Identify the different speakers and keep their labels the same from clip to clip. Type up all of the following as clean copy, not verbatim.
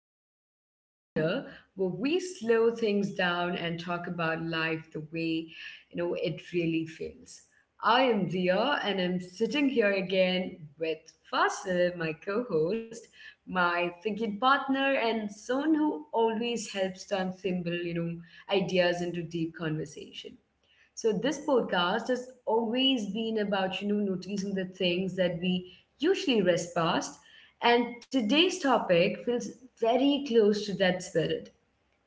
Speaker 1: our quiet little corner where we slow things down and talk about life the way it really feels. I am Dia, and I'm sitting here again with Fasil, my co-host, my thinking partner, and someone who always helps turn simple ideas into deep conversation. So this podcast has always been about noticing the things that we usually rest past. And today's topic feels very close to that spirit.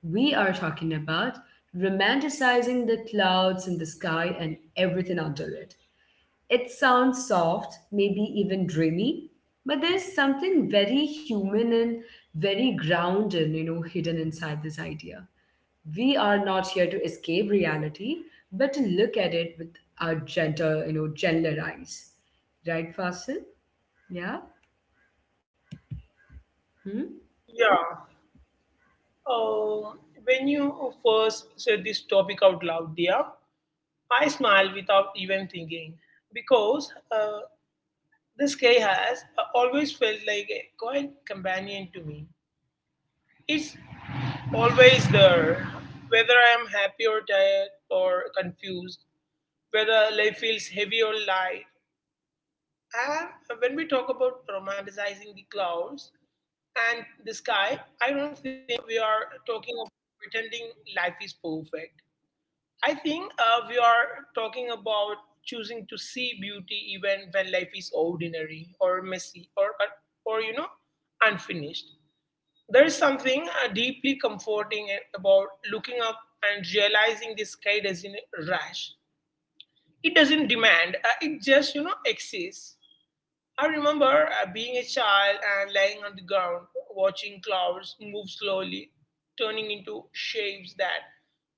Speaker 1: We are talking about romanticizing the clouds in the sky and everything under it. It sounds soft, maybe even dreamy, but there's something very human and very grounded hidden inside this idea. We are not here to escape reality, but to look at it with our gentle gentler eyes. Right, Fasil? Yeah? Hmm?
Speaker 2: Yeah. Um, when you first said this topic out loud, dear, I smiled without even thinking because the sky has always felt like a quiet companion to me. It's always there, whether I am happy or tired or confused, whether life feels heavy or light. And when we talk about romanticizing the clouds and the sky, I don't think we are talking about pretending life is perfect. I think we are talking about choosing to see beauty even when life is ordinary or messy or unfinished. There is something deeply comforting about looking up and realizing the sky doesn't rush. It doesn't demand. It just exists. I remember being a child and lying on the ground, watching clouds move slowly, turning into shapes that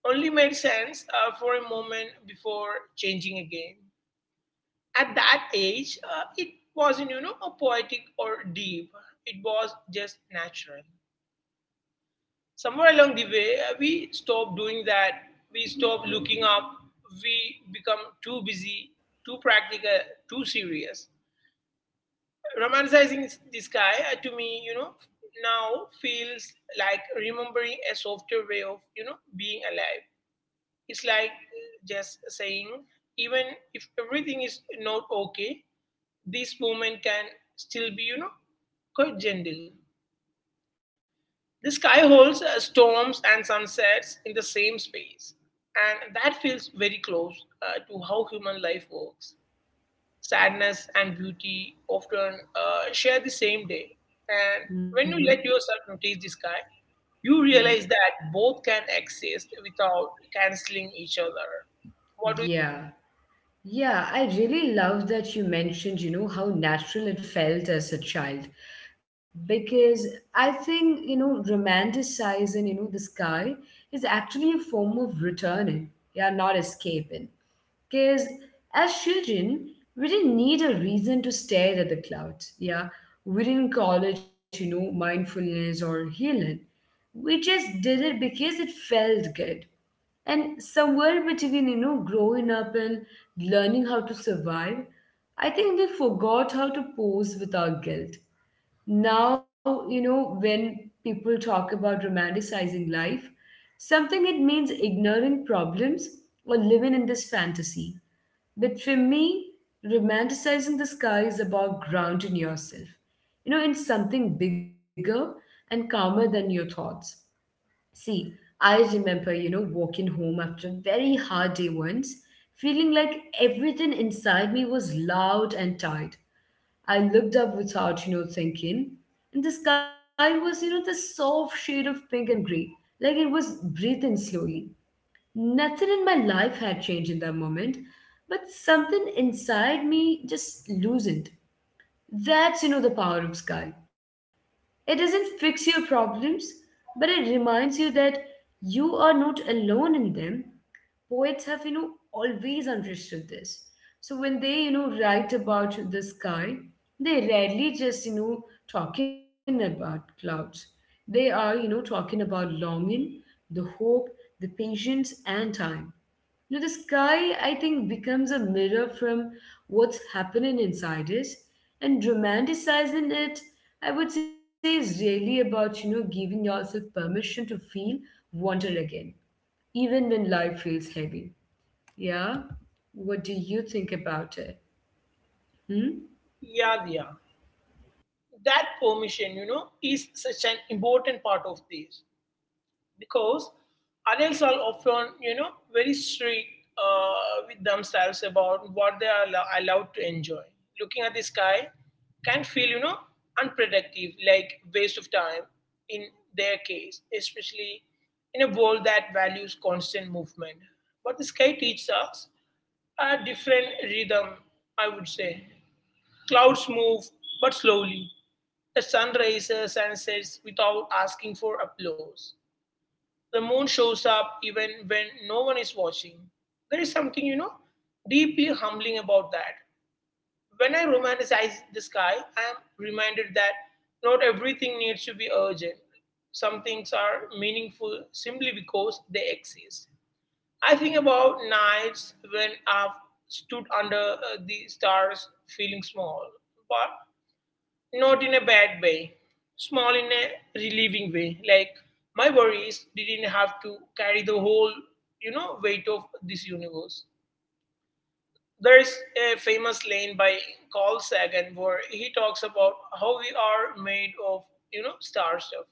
Speaker 2: only made sense for a moment before changing again. At that age, it wasn't a poetic or deep. It was just natural. Somewhere along the way, we stopped doing that. We stopped looking up. We become too busy, too practical, too serious. Romanticizing this guy to me, now feels like remembering a softer way of being alive. It's like just saying, even if everything is not okay, this moment can still be quite gentle. The sky holds storms and sunsets in the same space, and that feels very close to how human life works. Sadness and beauty often share the same day. And when you
Speaker 1: Mm-hmm.
Speaker 2: let yourself notice the sky, you
Speaker 1: Yeah.
Speaker 2: realize that both can exist without canceling each other. What do you,
Speaker 1: Yeah. Yeah, I really love that you mentioned how natural it felt as a child. Because I think romanticizing the sky is actually a form of returning. Yeah, not escaping. Because as children, we didn't need a reason to stare at the clouds. Yeah. We didn't call it mindfulness or healing. We just did it because it felt good. And somewhere between growing up and learning how to survive, I think we forgot how to pose without guilt. Now when people talk about romanticizing life, something it means ignoring problems or living in this fantasy. But for me, romanticizing the sky is about grounding yourself in something bigger and calmer than your thoughts. See, I remember walking home after a very hard day once, feeling like everything inside me was loud and tight. I looked up without thinking, and the sky was the soft shade of pink and gray, like it was breathing slowly. Nothing in my life had changed in that moment, but something inside me just loosened. That's the power of sky. It doesn't fix your problems, but it reminds you that you are not alone in them. Poets have always understood this. So when they write about the sky, they rarely just talking about clouds. They are talking about longing, the hope, the patience, and time. The sky, I think, becomes a mirror from what's happening inside it. And romanticizing it, I would say, is really about giving yourself permission to feel wonder again, even when life feels heavy. Yeah? What do you think about it? Hmm?
Speaker 2: yeah, yeah. That permission is such an important part of this. Because adults are often very strict with themselves about what they are allowed to enjoy looking at the sky can feel unproductive, like waste of time in their case, especially in a world that values constant movement. But the sky teaches us a different rhythm, I would say. Clouds move but slowly. The sun rises and sets without asking for applause. The moon shows up even when no one is watching. There is something deeply humbling about that. When I romanticize the sky, I am reminded that not everything needs to be urgent. Some things are meaningful simply because they exist. I think about nights when I've stood under the stars feeling small, but not in a bad way, small in a relieving way. Like my worries didn't have to carry the whole weight of this universe. There is a famous line by Carl Sagan where he talks about how we are made of star stuff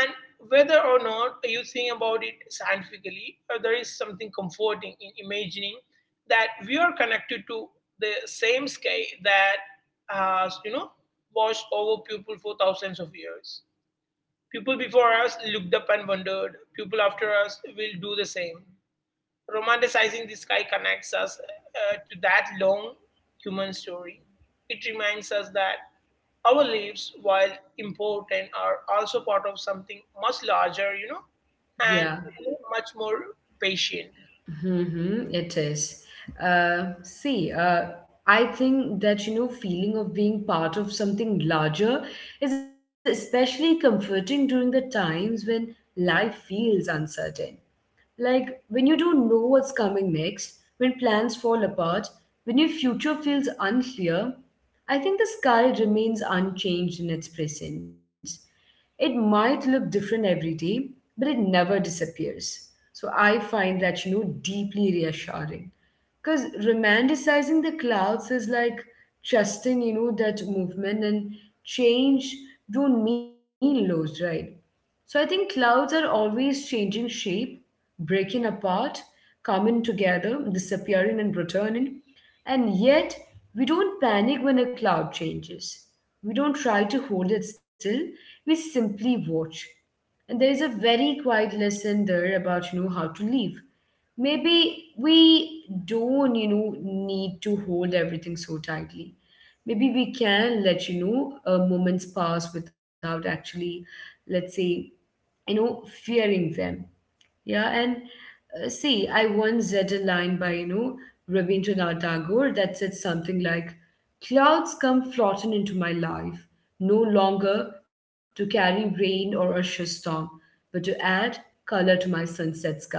Speaker 2: and whether or not you think about it scientifically, there is something comforting in imagining that we are connected to the same sky that has watched over people for thousands of years. People before us looked up and wondered. People after us will do the same. Romanticizing the sky connects us to that long human story. It reminds us that our lives, while important, are also part of something much larger, and
Speaker 1: Yeah.
Speaker 2: much more patient.
Speaker 1: Mm-hmm, it is. See, I think that feeling of being part of something larger is especially comforting during the times when life feels uncertain. Like when you don't know what's coming next, when plans fall apart, when your future feels unclear, I think the sky remains unchanged in its presence. It might look different every day, but it never disappears. So I find that deeply reassuring. Because romanticizing the clouds is like trusting that movement and change don't mean loss, right? So I think clouds are always changing shape, breaking apart, coming together, disappearing and returning. And yet, we don't panic when a cloud changes. We don't try to hold it still, we simply watch. And there is a very quiet lesson there about how to live. Maybe we don't need to hold everything so tightly. Maybe we can let moments pass without actually, let's say, fearing them. Yeah. And see, I once read a line by Rabindranath Tagore that said something like: clouds come floating into my life, no longer to carry rain or a storm, but to add color to my sunset sky.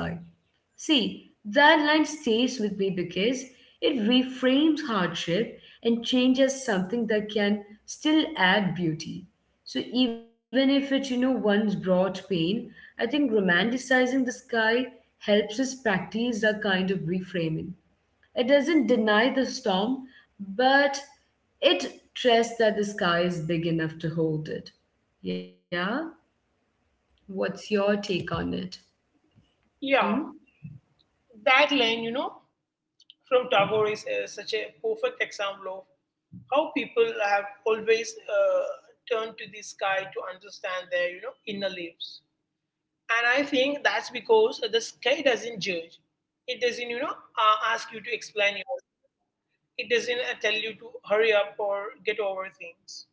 Speaker 1: See, that line stays with me because it reframes hardship and changes something that can still add beauty. So even if it once brought pain, I think romanticizing the sky helps us practice that kind of reframing. It doesn't deny the storm, but it trusts that the sky is big enough to hold it. Yeah? What's your take on it? Hmm?
Speaker 2: Yeah, that line from Tagore is such a perfect example of how people have always turned to the sky to understand their inner lives. And I think that's because the sky doesn't judge. It doesn't ask you to explain yourself. It doesn't tell you to hurry up or get over things.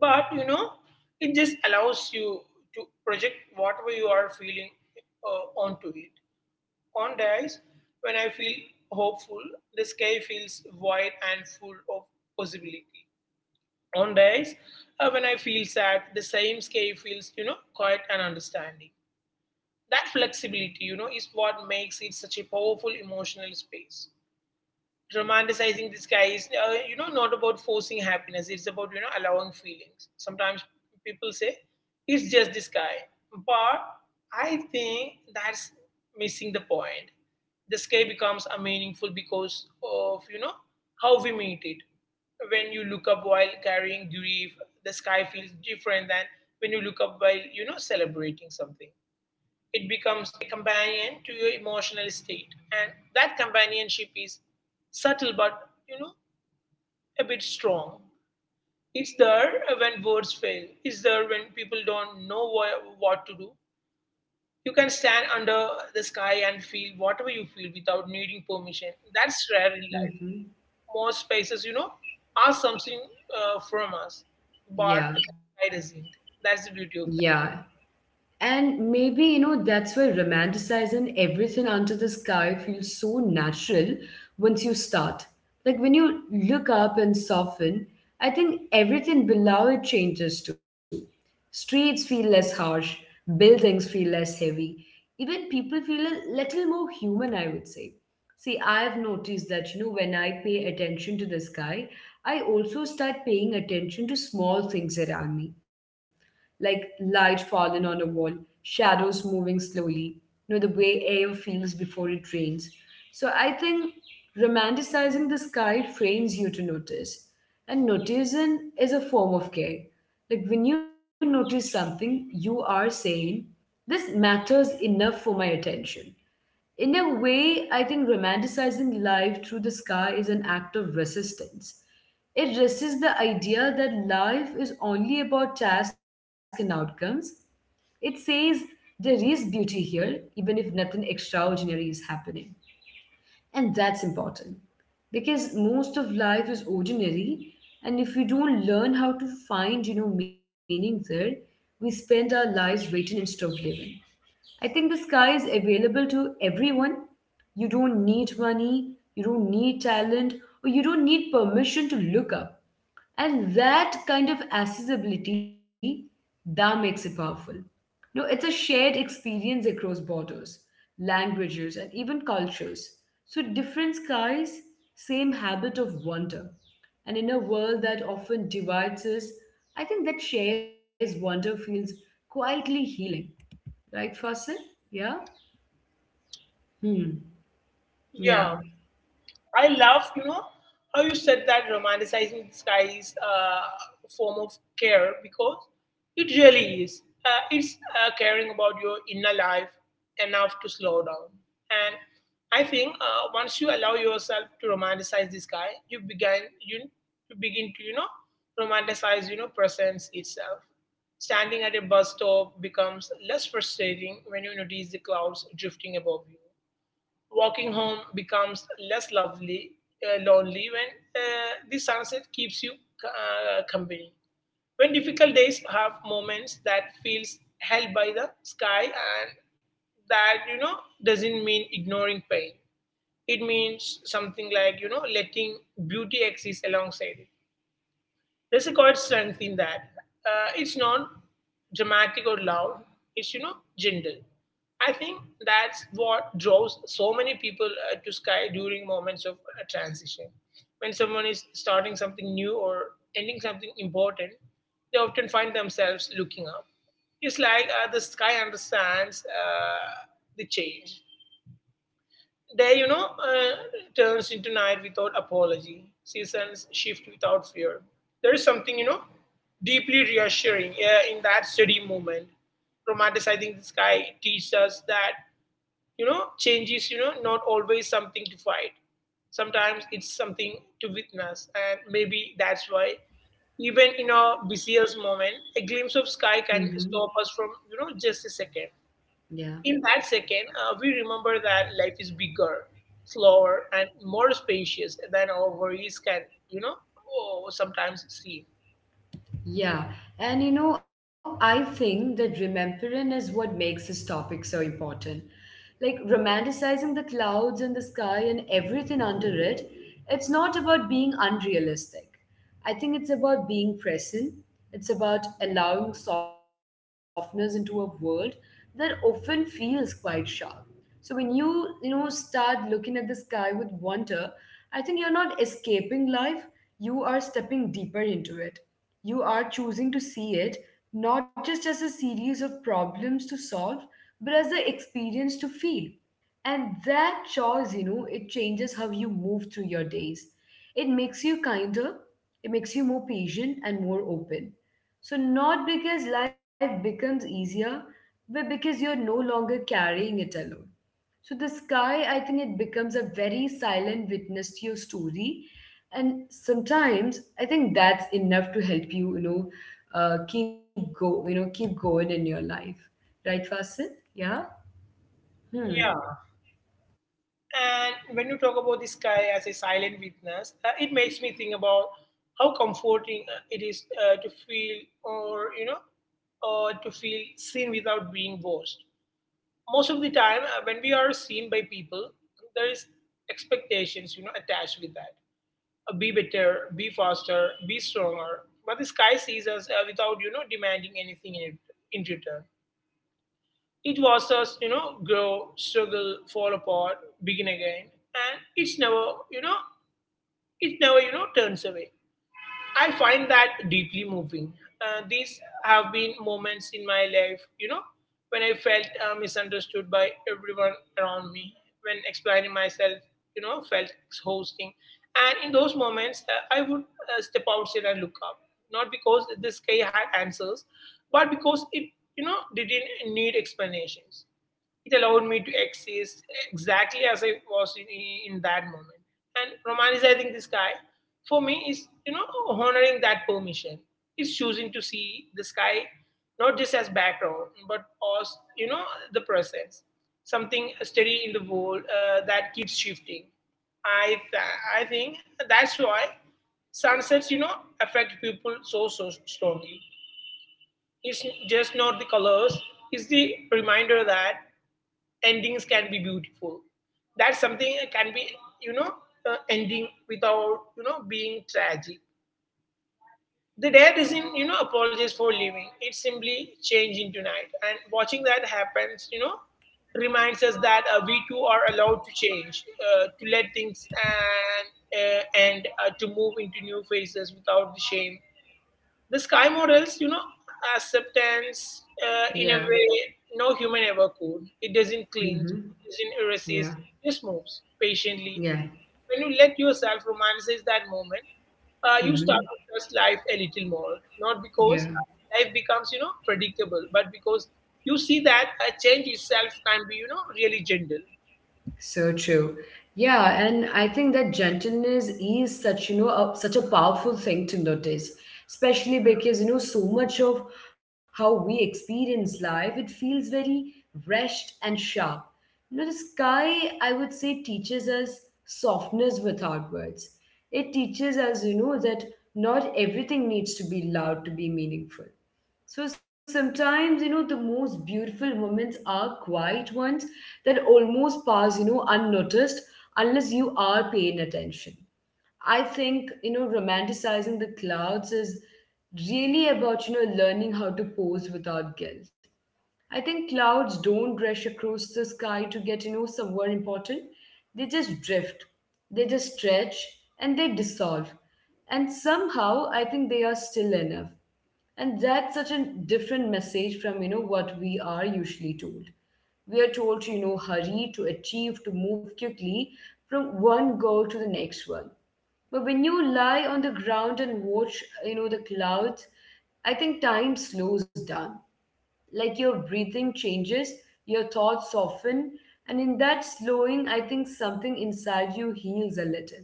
Speaker 2: But it just allows you to project whatever you are feeling onto it. On days when I feel hopeful, the sky feels wide and full of possibility. On days when I feel sad, the same sky feels quiet and understanding. That flexibility is what makes it such a powerful emotional space. Romanticizing the sky is not about forcing happiness. It's about allowing feelings. Sometimes people say it's just the sky, but I think that's missing the point. The sky becomes a meaningful because of how we meet it. When you look up while carrying grief, the sky feels different than when you look up while celebrating something. It becomes a companion to your emotional state, and that companionship is subtle but you know a bit strong. It's there when words fail. It's there when people don't know what to do. You can stand under the sky and feel whatever you feel without needing permission. That's rare in life.
Speaker 1: Mm-hmm.
Speaker 2: Most spaces are something from us, but
Speaker 1: Yeah.
Speaker 2: I doesn't. That's the beauty of
Speaker 1: Yeah.
Speaker 2: that.
Speaker 1: And maybe that's why romanticizing everything under the sky feels so natural once you start. Like when you look up and soften, I think everything below it changes too. Streets feel less harsh, buildings feel less heavy, even people feel a little more human, I would say. See, I've noticed that when I pay attention to the sky, I also start paying attention to small things around me like light falling on a wall, shadows moving slowly the way air feels before it rains. So I think romanticizing the sky trains you to notice. And noticing is a form of care. Like when you notice something, you are saying, this matters enough for my attention. In a way, I think romanticizing life through the sky is an act of resistance. It resists the idea that life is only about tasks and outcomes. It says there is beauty here, even if nothing extraordinary is happening. And that's important because most of life is ordinary. And if we don't learn how to find meaning there, we spend our lives waiting instead of living. I think the sky is available to everyone. You don't need money, you don't need talent, or you don't need permission to look up. And that kind of accessibility that makes it powerful. No, it's a shared experience across borders, languages, and even cultures. So different skies, same habit of wonder. And in a world that often divides us, I think that shares wonder feels quietly healing, right, Fasil? Yeah. Hmm. Yeah.
Speaker 2: Yeah, I love how you said that romanticizing the sky is a form of care, because it really is. It's caring about your inner life enough to slow down. And I think once you allow yourself to romanticize the sky, you begin to romanticize presence itself. Standing at a bus stop becomes less frustrating when you notice the clouds drifting above you. Walking home becomes less lonely when the sunset keeps you company. When difficult days have moments that feels held by the sky, and that doesn't mean ignoring pain. It means something like letting beauty exist alongside it. There's a quiet strength in that. It's not dramatic or loud. It's gentle. I think that's what draws so many people to Sky during moments of transition. When someone is starting something new or ending something important, they often find themselves looking up. It's like the sky understands the change. Day turns into night without apology. Seasons shift without fear. There is something deeply reassuring in that steady movement. Romanticizing the sky teaches us that change is not always something to fight. Sometimes it's something to witness. And maybe that's why, even in our busiest moment, a glimpse of sky can
Speaker 1: Hmm.
Speaker 2: stop us from, you know, just a second.
Speaker 1: Yeah,
Speaker 2: In that second, we remember that life is bigger, slower, and more spacious than our worries can, you know, oh, sometimes seem.
Speaker 1: yeah, and I think that remembering is what makes this topic so important. Like romanticizing the clouds and the sky and everything under it, it's not about being unrealistic. I think it's about being present. It's about allowing softness into a world that often feels quite sharp. So when you start looking at the sky with wonder, I think you're not escaping life, you are stepping deeper into it. You are choosing to see it not just as a series of problems to solve, but as an experience to feel. And that choice it changes how you move through your days. It makes you kinder, it makes you more patient and more open. So, not because life becomes easier, but because you're no longer carrying it alone. So, the sky, I think it becomes a very silent witness to your story. And sometimes I think that's enough to help you, you know, keep go, you know, keep going in your life. Right, Fasil? Yeah? Hmm.
Speaker 2: Yeah. And when you talk about the sky as a silent witness, it makes me think about how comforting it is to feel, or to feel seen without being watched. Most of the time, when we are seen by people, there is expectations, attached with that: be better, be faster, be stronger. But the sky sees us without demanding anything in return. It watches us grow, struggle, fall apart, begin again, and it never turns away. I find that deeply moving. These have been moments in my life, when I felt misunderstood by everyone around me, when explaining myself, felt exhausting. And in those moments, I would step outside and look up, not because this sky had answers, but because it didn't need explanations. It allowed me to exist exactly as I was in that moment. And romanticizing this guy for me is honoring that permission. It's choosing to see the sky not just as background, but as, you know, the presence. Something steady in the world that keeps shifting. I think that's why sunsets affect people so, so strongly. It's just not the colors, it's the reminder that endings can be beautiful. That's something that can be, you know, ending without, being tragic. The death isn't, apologies for living. It's simply change into night. And watching that happens, reminds us that we too are allowed to change, to let things and to move into new phases without the shame. The sky models, acceptance
Speaker 1: Yeah.
Speaker 2: in a way no human ever could. It doesn't clinch,
Speaker 1: Mm-hmm.
Speaker 2: it doesn't resist,
Speaker 1: Yeah,
Speaker 2: it just moves patiently.
Speaker 1: yeah.
Speaker 2: When you let yourself romanticize that moment, you start
Speaker 1: Hmm.
Speaker 2: to trust life a little more. Not
Speaker 1: Yeah.
Speaker 2: because life becomes, predictable, but because you see that a change itself can be, really gentle.
Speaker 1: So true. Yeah, and I think that gentleness is such a powerful thing to notice, especially because so much of how we experience life, it feels very rushed and sharp. The sky, I would say, teaches us softness without words. It teaches us that not everything needs to be loud to be meaningful. So sometimes the most beautiful moments are quiet ones that almost pass unnoticed unless you are paying attention. I think romanticizing the clouds is really about learning how to pose without guilt. I think clouds don't rush across the sky to get somewhere important. They just drift, they just stretch, and they dissolve. And somehow, I think they are still enough. And that's such a different message from what we are usually told. We are told to hurry, to achieve, to move quickly from one goal to the next one. But when you lie on the ground and watch the clouds, I think time slows down. Like your breathing changes, your thoughts soften, and in that slowing, I think something inside you heals a little.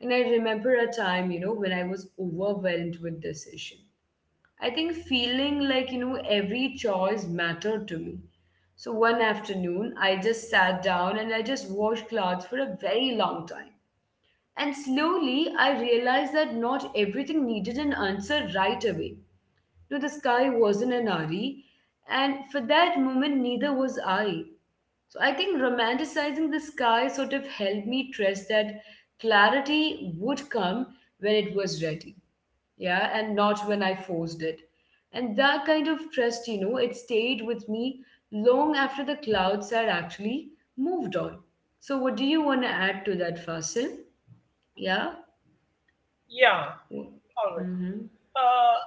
Speaker 1: And I remember a time when I was overwhelmed with decision. I think feeling like every choice mattered to me. So one afternoon, I just sat down and I just washed clothes for a very long time. And slowly, I realized that not everything needed an answer right away. No, the sky wasn't an hurry, and for that moment, neither was I. So I think romanticizing the sky sort of helped me trust that clarity would come when it was ready, yeah, and not when I forced it. And that kind of trust it stayed with me long after the clouds had actually moved on. So, what do you want to add to that, Fasil? Yeah.
Speaker 2: Yeah, all right.
Speaker 1: Mm-hmm.
Speaker 2: Uh,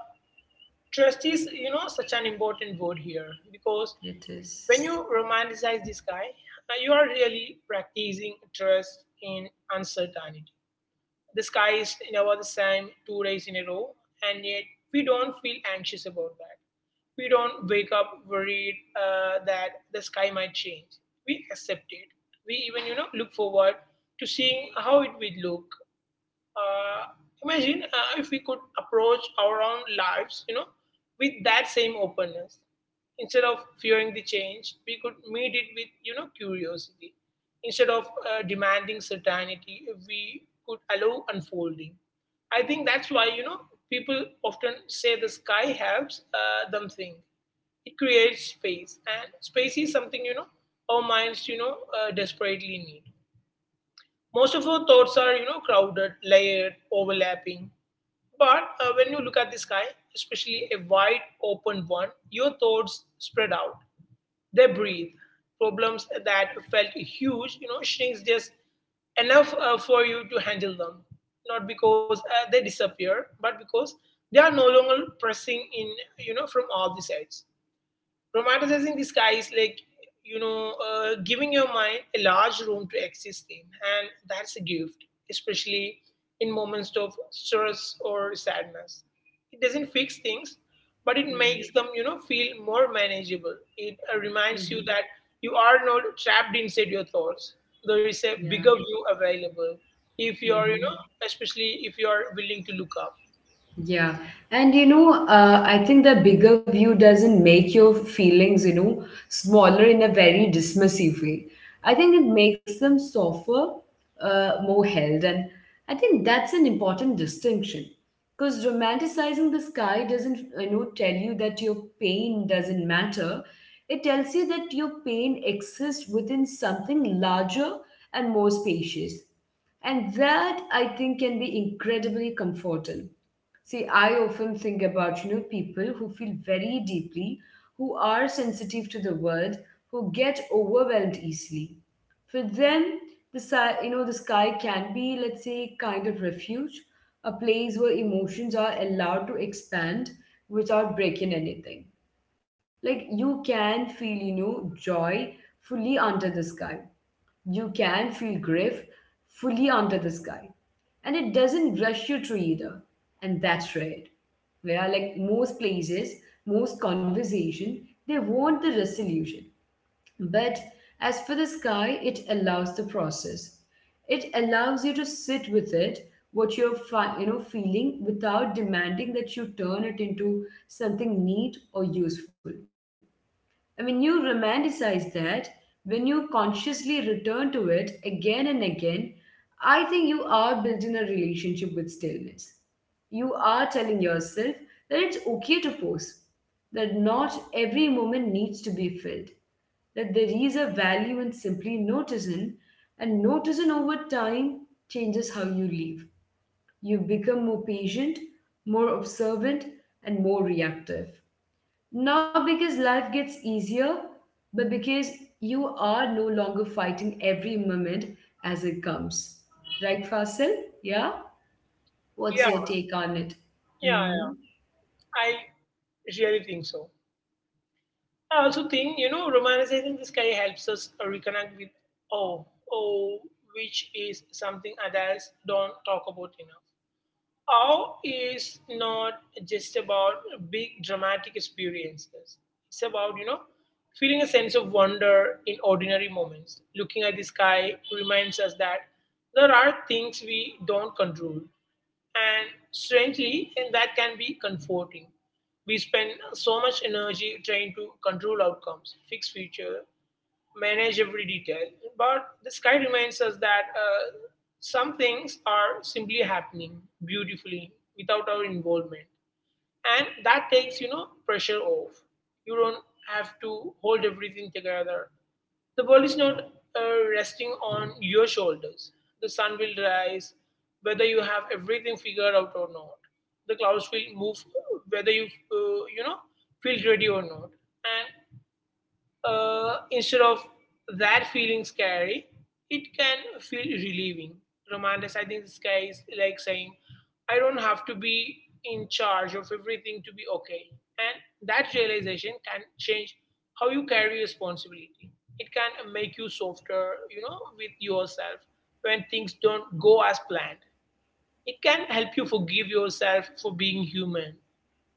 Speaker 2: trust is, such an important word here, because
Speaker 1: It is.
Speaker 2: when you romanticize this guy, you are really practicing trust in uncertainty. The sky is never the same 2 days in a row, and yet we don't feel anxious about that. We don't wake up worried that the sky might change. We accept it. We even, look forward to seeing how it will look. Uh, imagine if we could approach our own lives, with that same openness. Instead of fearing the change, we could meet it with, curiosity. Instead of demanding certainty, we could allow unfolding. I think that's why, people often say the sky helps them think. It creates space, and space is something, you know, our minds, desperately need. Most of our thoughts are, you know, crowded, layered, overlapping. But when you look at the sky, especially a wide open one, your thoughts spread out. They breathe. Problems that felt huge, you know, shrinks just enough for you to handle them. Not because they disappear, but because they are no longer pressing in, you know, from all the sides. Romanticizing the sky is like, giving your mind a large room to exist in, and that's a gift, especially in moments of stress or sadness. It doesn't fix things, but it
Speaker 1: Yeah.
Speaker 2: makes them, you know, feel more manageable. It reminds you
Speaker 1: Mm-hmm.
Speaker 2: that you are not trapped inside your thoughts. There is a
Speaker 1: Yeah.
Speaker 2: bigger view available if you are,
Speaker 1: Mm-hmm.
Speaker 2: especially if you are willing to look up.
Speaker 1: Yeah. And I think the bigger view doesn't make your feelings, smaller in a very dismissive way. I think it makes them softer, more held. And I think that's an important distinction. Because romanticizing the sky doesn't, tell you that your pain doesn't matter. It tells you that your pain exists within something larger and more spacious. And that, I think, can be incredibly comforting. See, I often think about, people who feel very deeply, who are sensitive to the world, who get overwhelmed easily. For them, the sky can be, let's say, kind of refuge, a place where emotions are allowed to expand without breaking anything. Like you can feel, joy fully under the sky. You can feel grief fully under the sky and it doesn't rush you through either. And that's right. Where like most places, most conversation, they want the resolution. But as for the sky, it allows the process. It allows you to sit with it, what you're feeling, without demanding that you turn it into something neat or useful. I mean, you romanticize that when you consciously return to it again and again. I think you are building a relationship with stillness. You are telling yourself that it's okay to pause, that not every moment needs to be filled, that there is a value in simply noticing, and noticing over time changes how you live. You become more patient, more observant, and more reactive. Not because life gets easier, but because you are no longer fighting every moment as it comes. Right, Fasil? Yeah?
Speaker 2: Yeah,
Speaker 1: What's your take on it?
Speaker 2: yeah, yeah.
Speaker 1: Hmm.
Speaker 2: I really think so. I also think, you know, romanticizing this guy helps us reconnect with awe, awe, which is something adults don't talk about enough. Awe is not just about big dramatic experiences. It's about, you know, feeling a sense of wonder in ordinary moments. Looking at the sky reminds us that there are things we don't control. And strangely, and that can be comforting. We spend so much energy trying to control outcomes, fix future, manage every detail. But the sky reminds us that some things are simply happening beautifully without our involvement. And that takes, you know, pressure off. You don't have to hold everything together. The world is not resting on your shoulders. The sun will rise whether you have everything figured out or not. The clouds will move whether you, feel ready or not. And instead of that feeling scary, it can feel relieving. Romanticizing the sky is like saying, I don't have to be in charge of everything to be okay. And that realization can change how you carry responsibility. It can make you softer, you know, with yourself when things don't go as planned. It can help you forgive yourself for being human,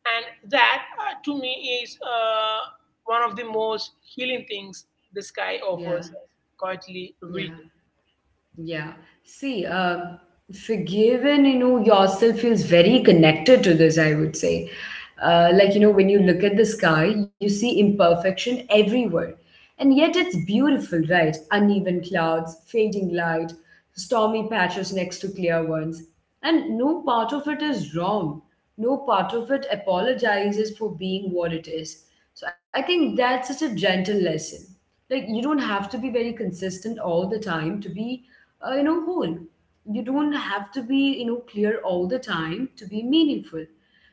Speaker 2: and that, to me, is one of the most healing things the sky
Speaker 1: Yeah,
Speaker 2: offers us, quietly
Speaker 1: yeah.
Speaker 2: reading.
Speaker 1: Yeah. See, forgiven, yourself feels very connected to this, I would say. Like, when you look at the sky, you see imperfection everywhere. And yet it's beautiful, right? Uneven clouds, fading light, stormy patches next to clear ones. And no part of it is wrong. No part of it apologizes for being what it is. So I think that's such a gentle lesson, like you don't have to be very consistent all the time to be whole. You don't have to be clear all the time to be meaningful.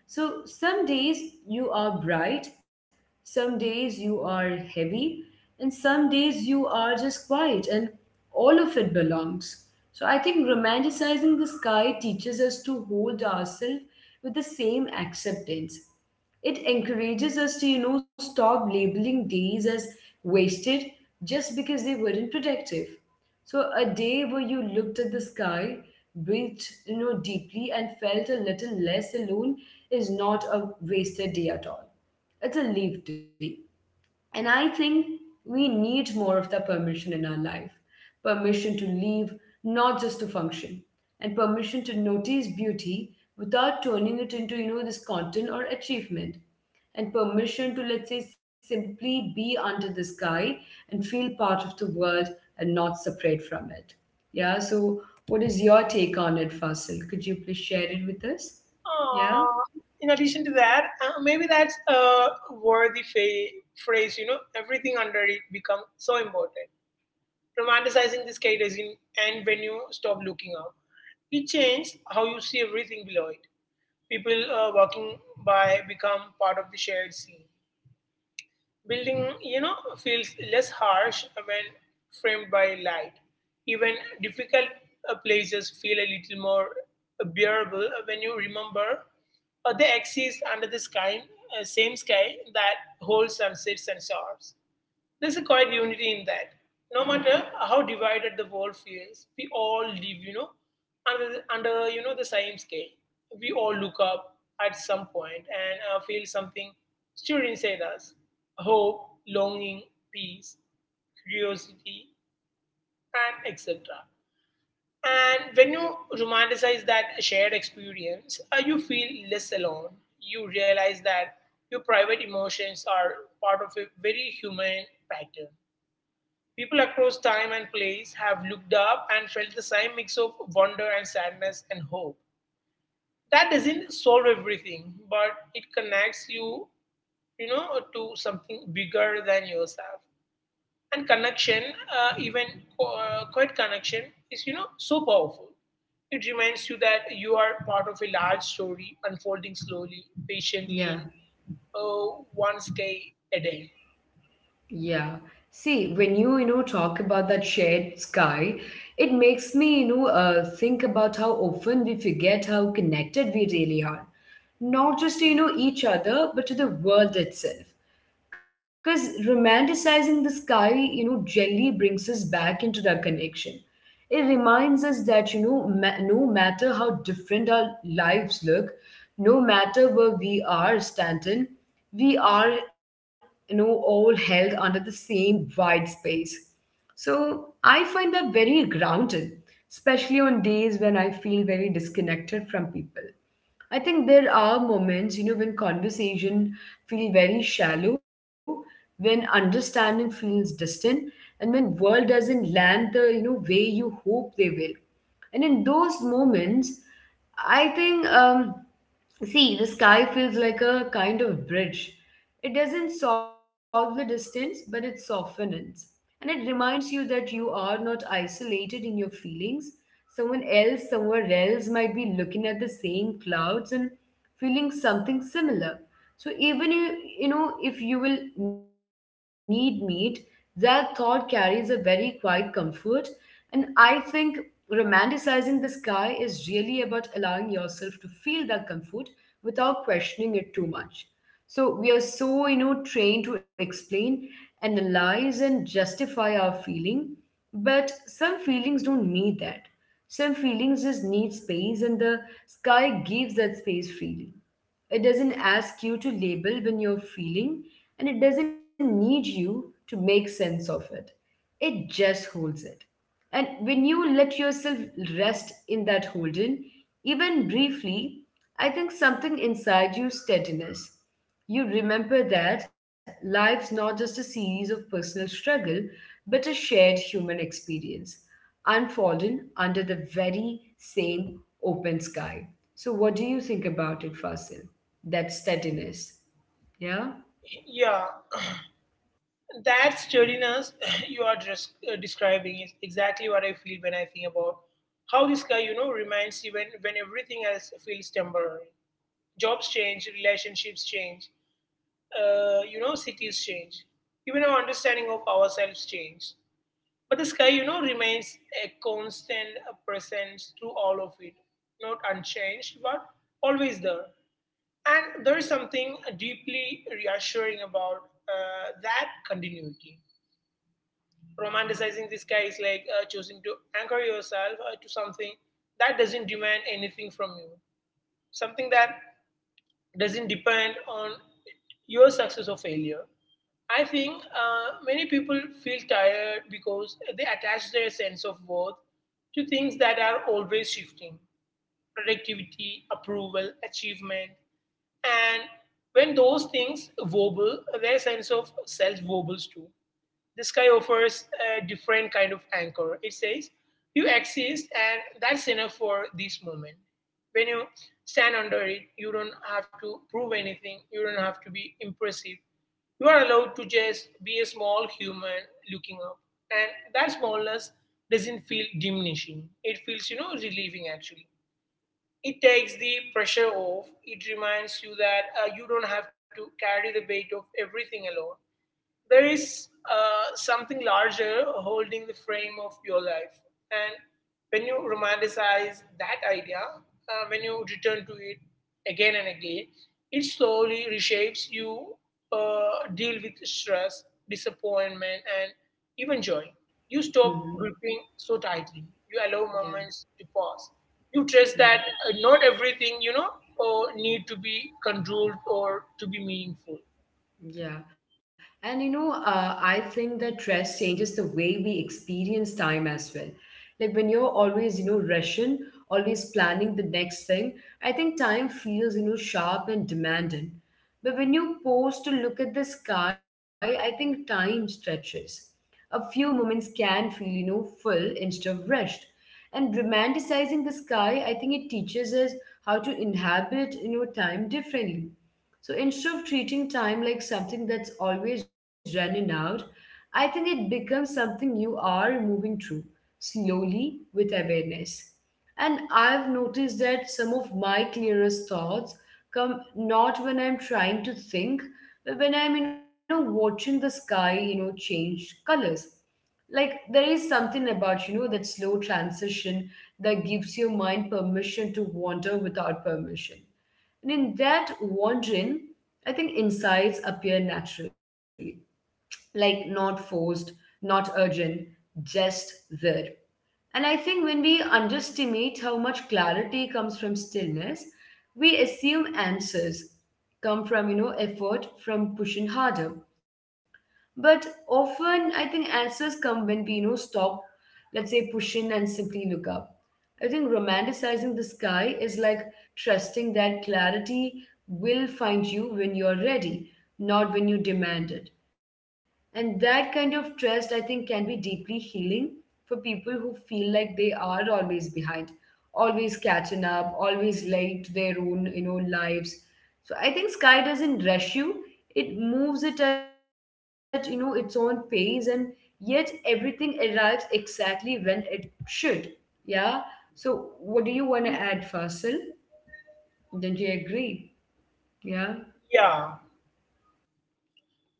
Speaker 1: So some days you are bright, some days you are heavy, and some days you are just quiet, and all of it belongs. So I think romanticizing the sky teaches us to hold ourselves with the same acceptance. It encourages us to stop labeling days as wasted just because they weren't productive. So a day where you looked at the sky, breathed, deeply and felt a little less alone is not a wasted day at all. It's a leave day. And I think we need more of that permission in our life, permission to live, not just to function, and permission to notice beauty without turning it into, this content or achievement, and permission to, let's say, simply be under the sky and feel part of the world and not separate from it. Yeah, so what is your take on it, Fasil? Could you please share it with us? Yeah?
Speaker 2: Uh, in addition to that, maybe that's a worthy phrase, you know, everything under it becomes so important. Romanticizing the sky doesn't end when you stop looking up. It changes how you see everything below it. People walking by become part of the shared scene. Building, you know, feels less harsh when framed by light. Even difficult places feel a little more bearable when you remember they exist under the sky, same sky that holds sunsets and stars. There's a quiet unity in that. No matter how divided the world feels, we all live, you know, under, under you know, the same scale. We all look up at some point and feel something stirred inside us. Hope, longing, peace, curiosity, and etc. And when you romanticize that shared experience, you feel less alone. You realize that your private emotions are part of a very human pattern. People across time and place have looked up and felt the same mix of wonder and sadness and hope. That doesn't solve everything, but it connects you, you know, to something bigger than yourself. And connection, even quiet connection, is you know so powerful. It reminds you that you are part of a large story unfolding slowly,
Speaker 1: Yeah.
Speaker 2: patiently, one day a day.
Speaker 1: Yeah. See, when you, talk about that shared sky, it makes me, think about how often we forget how connected we really are. Not just to, each other, but to the world itself. Because romanticizing the sky, generally brings us back into that connection. It reminds us that, no matter how different our lives look, no matter where we are standing, we are, all held under the same wide space. So I find that very grounded, especially on days when I feel very disconnected from people. I think there are moments, when conversation feel very shallow, when understanding feels distant, and when world doesn't land the, way you hope they will. And in those moments, I think, see, the sky feels like a kind of bridge. It doesn't solve the distance, but it softens. And it reminds you that you are not isolated in your feelings. Someone else somewhere else might be looking at the same clouds and feeling something similar. So even you, if you will need meat, that thought carries a very quiet comfort. And I think romanticizing the sky is really about allowing yourself to feel that comfort without questioning it too much. So we are so, trained to explain, analyze, and justify our feeling, but some feelings don't need that. Some feelings just need space, and the sky gives that space freely. It doesn't ask you to label when you're feeling, and it doesn't need you to make sense of it. It just holds it. And when you let yourself rest in that holding, even briefly, I think something inside you steadiness. You remember that life's not just a series of personal struggle, but a shared human experience, unfolding under the very same open sky. So, what do you think about it, Fasil? That steadiness. Yeah?
Speaker 2: Yeah. That sturdiness you are just describing is exactly what I feel when I think about how this guy, you know, reminds you when everything else feels temporary. Jobs change, relationships change, cities change, even our understanding of ourselves change. But the sky, you know, remains a constant presence through all of it, not unchanged, but always there. And there is something deeply reassuring about that continuity. Romanticizing this guy is like choosing to anchor yourself to something that doesn't demand anything from you, something that doesn't depend on your success or failure. I think many people feel tired because they attach their sense of worth to things that are always shifting: productivity, approval, achievement. And when those things wobble, their sense of self wobbles too. The sky offers a different kind of anchor. It says, you exist, and that's enough for this moment. When you stand under it, you don't have to prove anything, you don't have to be impressive. You are allowed to just be a small human looking up. And that smallness doesn't feel diminishing, it feels, you know, relieving actually. It takes the pressure off, it reminds you that you don't have to carry the weight of everything alone. There is something larger holding the frame of your life. And when you romanticize that idea, when you return to it again and again, it slowly reshapes you deal with stress, disappointment, and even joy. You stop gripping
Speaker 1: Hmm.
Speaker 2: so tightly. You allow moments to
Speaker 1: Yeah.
Speaker 2: pause. You trust that
Speaker 1: Yeah.
Speaker 2: not everything, you know, need to be controlled or to be meaningful.
Speaker 1: Yeah. And I think that stress changes the way we experience time as well. Like when you're always, rushing, always planning the next thing, I think time feels, sharp and demanding. But when you pause to look at the sky, I think time stretches. A few moments can feel, full instead of rushed. And romanticizing the sky, I think it teaches us how to inhabit, time differently, so instead of treating time like something that's always running out, I think it becomes something you are moving through slowly with awareness. And I've noticed that some of my clearest thoughts come not when I'm trying to think, but when I'm, watching the sky, change colors. Like there is something about, that slow transition that gives your mind permission to wander without permission. And in that wandering, I think insights appear naturally, like not forced, not urgent, just there. And I think when we underestimate how much clarity comes from stillness, we assume answers come from, effort, from pushing harder. But often, I think answers come when we, stop, let's say, pushing and simply look up. I think romanticizing the sky is like trusting that clarity will find you when you're ready, not when you demand it. And that kind of trust, I think, can be deeply healing for people who feel like they are always behind, always catching up, always late to their own, lives. So I think sky doesn't rush you, it moves it at its own pace, and yet everything arrives exactly when it should. Yeah. So what do you want to add, Fasil? Don't you agree? Yeah.
Speaker 2: Yeah.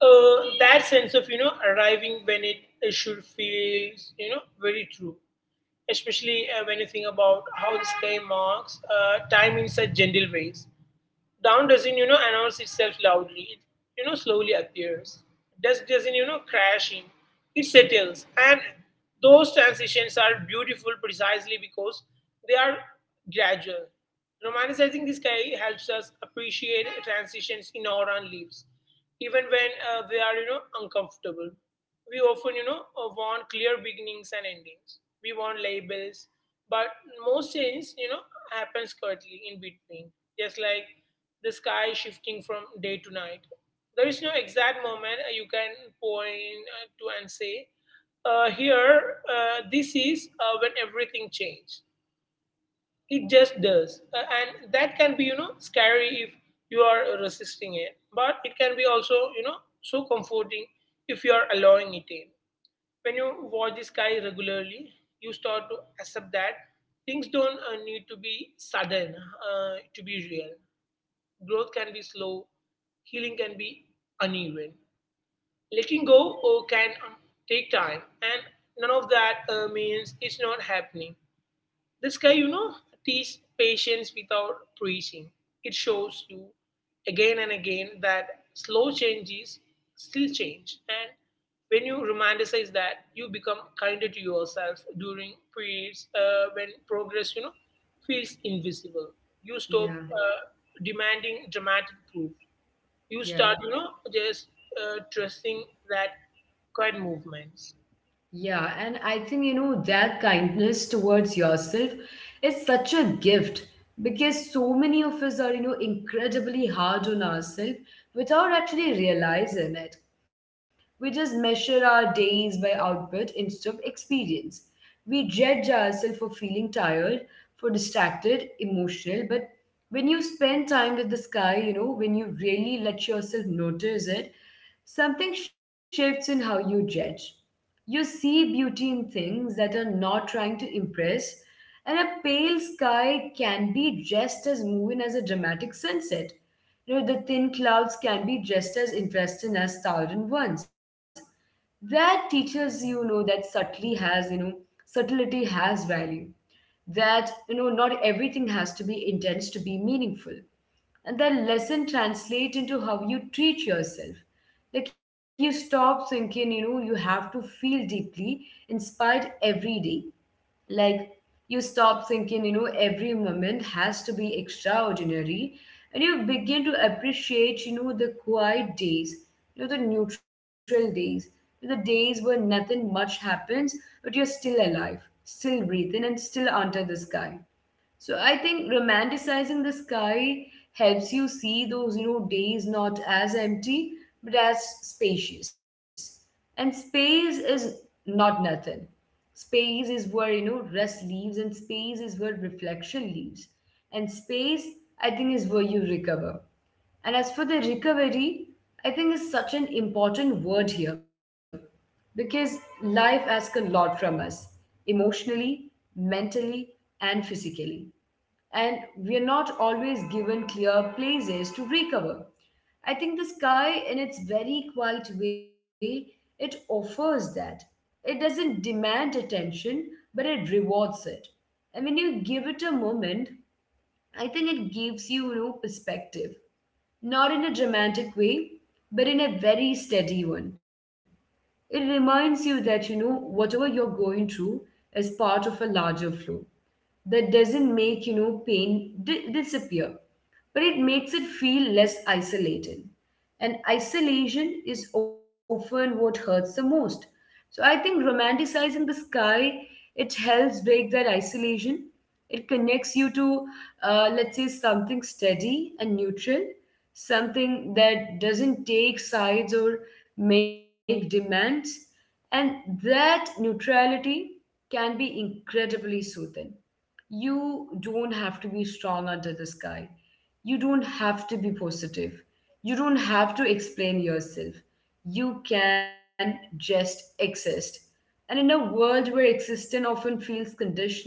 Speaker 2: Uh, that sense of you know arriving when it should feels you know very true especially when you think about how the sky marks time in such gentle ways down doesn't, you know, announce itself loudly. It, you know, slowly appears. Dust doesn't, you know, crash in. It settles. And those transitions are beautiful precisely because they are gradual. Romanticizing the sky helps us appreciate transitions in our own lives, even when they are, you know, uncomfortable. We often, you know, want clear beginnings and endings. We want labels, but most change, you know, happens curtly in between, just like the sky shifting from day to night. There is no exact moment you can point to and say, here, this is when everything changed. It just does. And that can be, you know, scary if you are resisting it. But it can be also, you know, so comforting if you are allowing it in when you watch the sky regularly, you start to accept that things don't need to be sudden to be real. Growth can be slow, healing can be uneven. Letting go can take time, and none of that means it's not happening. This guy, you know, teach patience without preaching. It shows you again and again that slow change is still change. And when you romanticize that, you become kinder to yourself during periods when progress, you know, feels invisible. You stop
Speaker 1: Yeah.
Speaker 2: demanding dramatic proof. You
Speaker 1: Yeah.
Speaker 2: start, you know, just trusting that quiet movements.
Speaker 1: Yeah. And I think that kindness towards yourself is such a gift because so many of us are incredibly hard on ourselves without actually realizing it. We just measure our days by output instead of experience. We judge ourselves for feeling tired, for distracted, emotional. But when you spend time with the sky, when you really let yourself notice it, something shifts in how you judge. You see beauty in things that are not trying to impress, and a pale sky can be just as moving as a dramatic sunset. The thin clouds can be just as interesting as thousand ones. That teaches that subtlety has value. That not everything has to be intense to be meaningful, and that lesson translates into how you treat yourself. Like you stop thinking you have to feel deeply inspired every day. Like you stop thinking every moment has to be extraordinary. And you begin to appreciate the quiet days, the neutral days, the days where nothing much happens, but you're still alive, still breathing, and still under the sky. So I think romanticizing the sky helps you see those, days not as empty but as spacious. And space is not nothing. Space is where, rest leaves and space is where reflection leaves. And space, I think, is where you recover. And as for the recovery, I think is such an important word here because life asks a lot from us emotionally, mentally, and physically, and we're not always given clear places to recover. I think the sky, in its very quiet way, it offers that. It doesn't demand attention, but it rewards it. And when you give it a moment, I think it gives you, perspective. Not in a dramatic way, but in a very steady one. It reminds you that, whatever you're going through is part of a larger flow that doesn't make pain disappear, but it makes it feel less isolated. And isolation is often what hurts the most. So I think romanticizing the sky, it helps break that isolation. It connects you to let's say something steady and neutral, something that doesn't take sides or make demands. And that neutrality can be incredibly soothing. You don't have to be strong under the sky. You don't have to be positive. You don't have to explain yourself. You can just exist. And in a world where existence often feels conditional,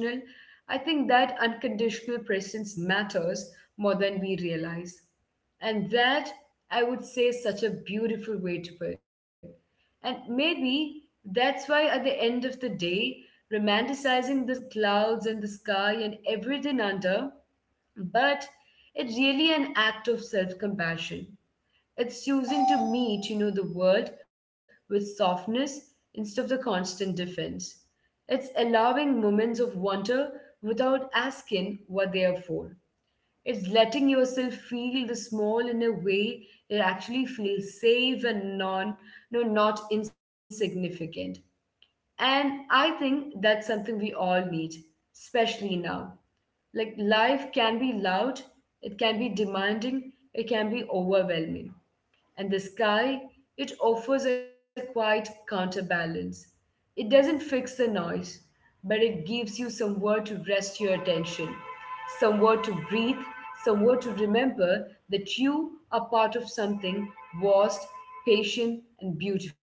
Speaker 1: I think that unconditional presence matters more than we realize. And that, I would say, is such a beautiful way to put it. And maybe that's why, at the end of the day, romanticizing the clouds and the sky and everything under, but it's really an act of self compassion. It's choosing to meet, the world with softness instead of the constant defense. It's allowing moments of wonder without asking what they are for. It's letting yourself feel the small in a way that actually feels safe and non, no, not insignificant. And I think that's something we all need, especially now. Like life can be loud, it can be demanding, it can be overwhelming. And the sky, it offers a quiet counterbalance. It doesn't fix the noise, but it gives you somewhere to rest your attention, somewhere to breathe, somewhere to remember that you are part of something vast, patient, and beautiful,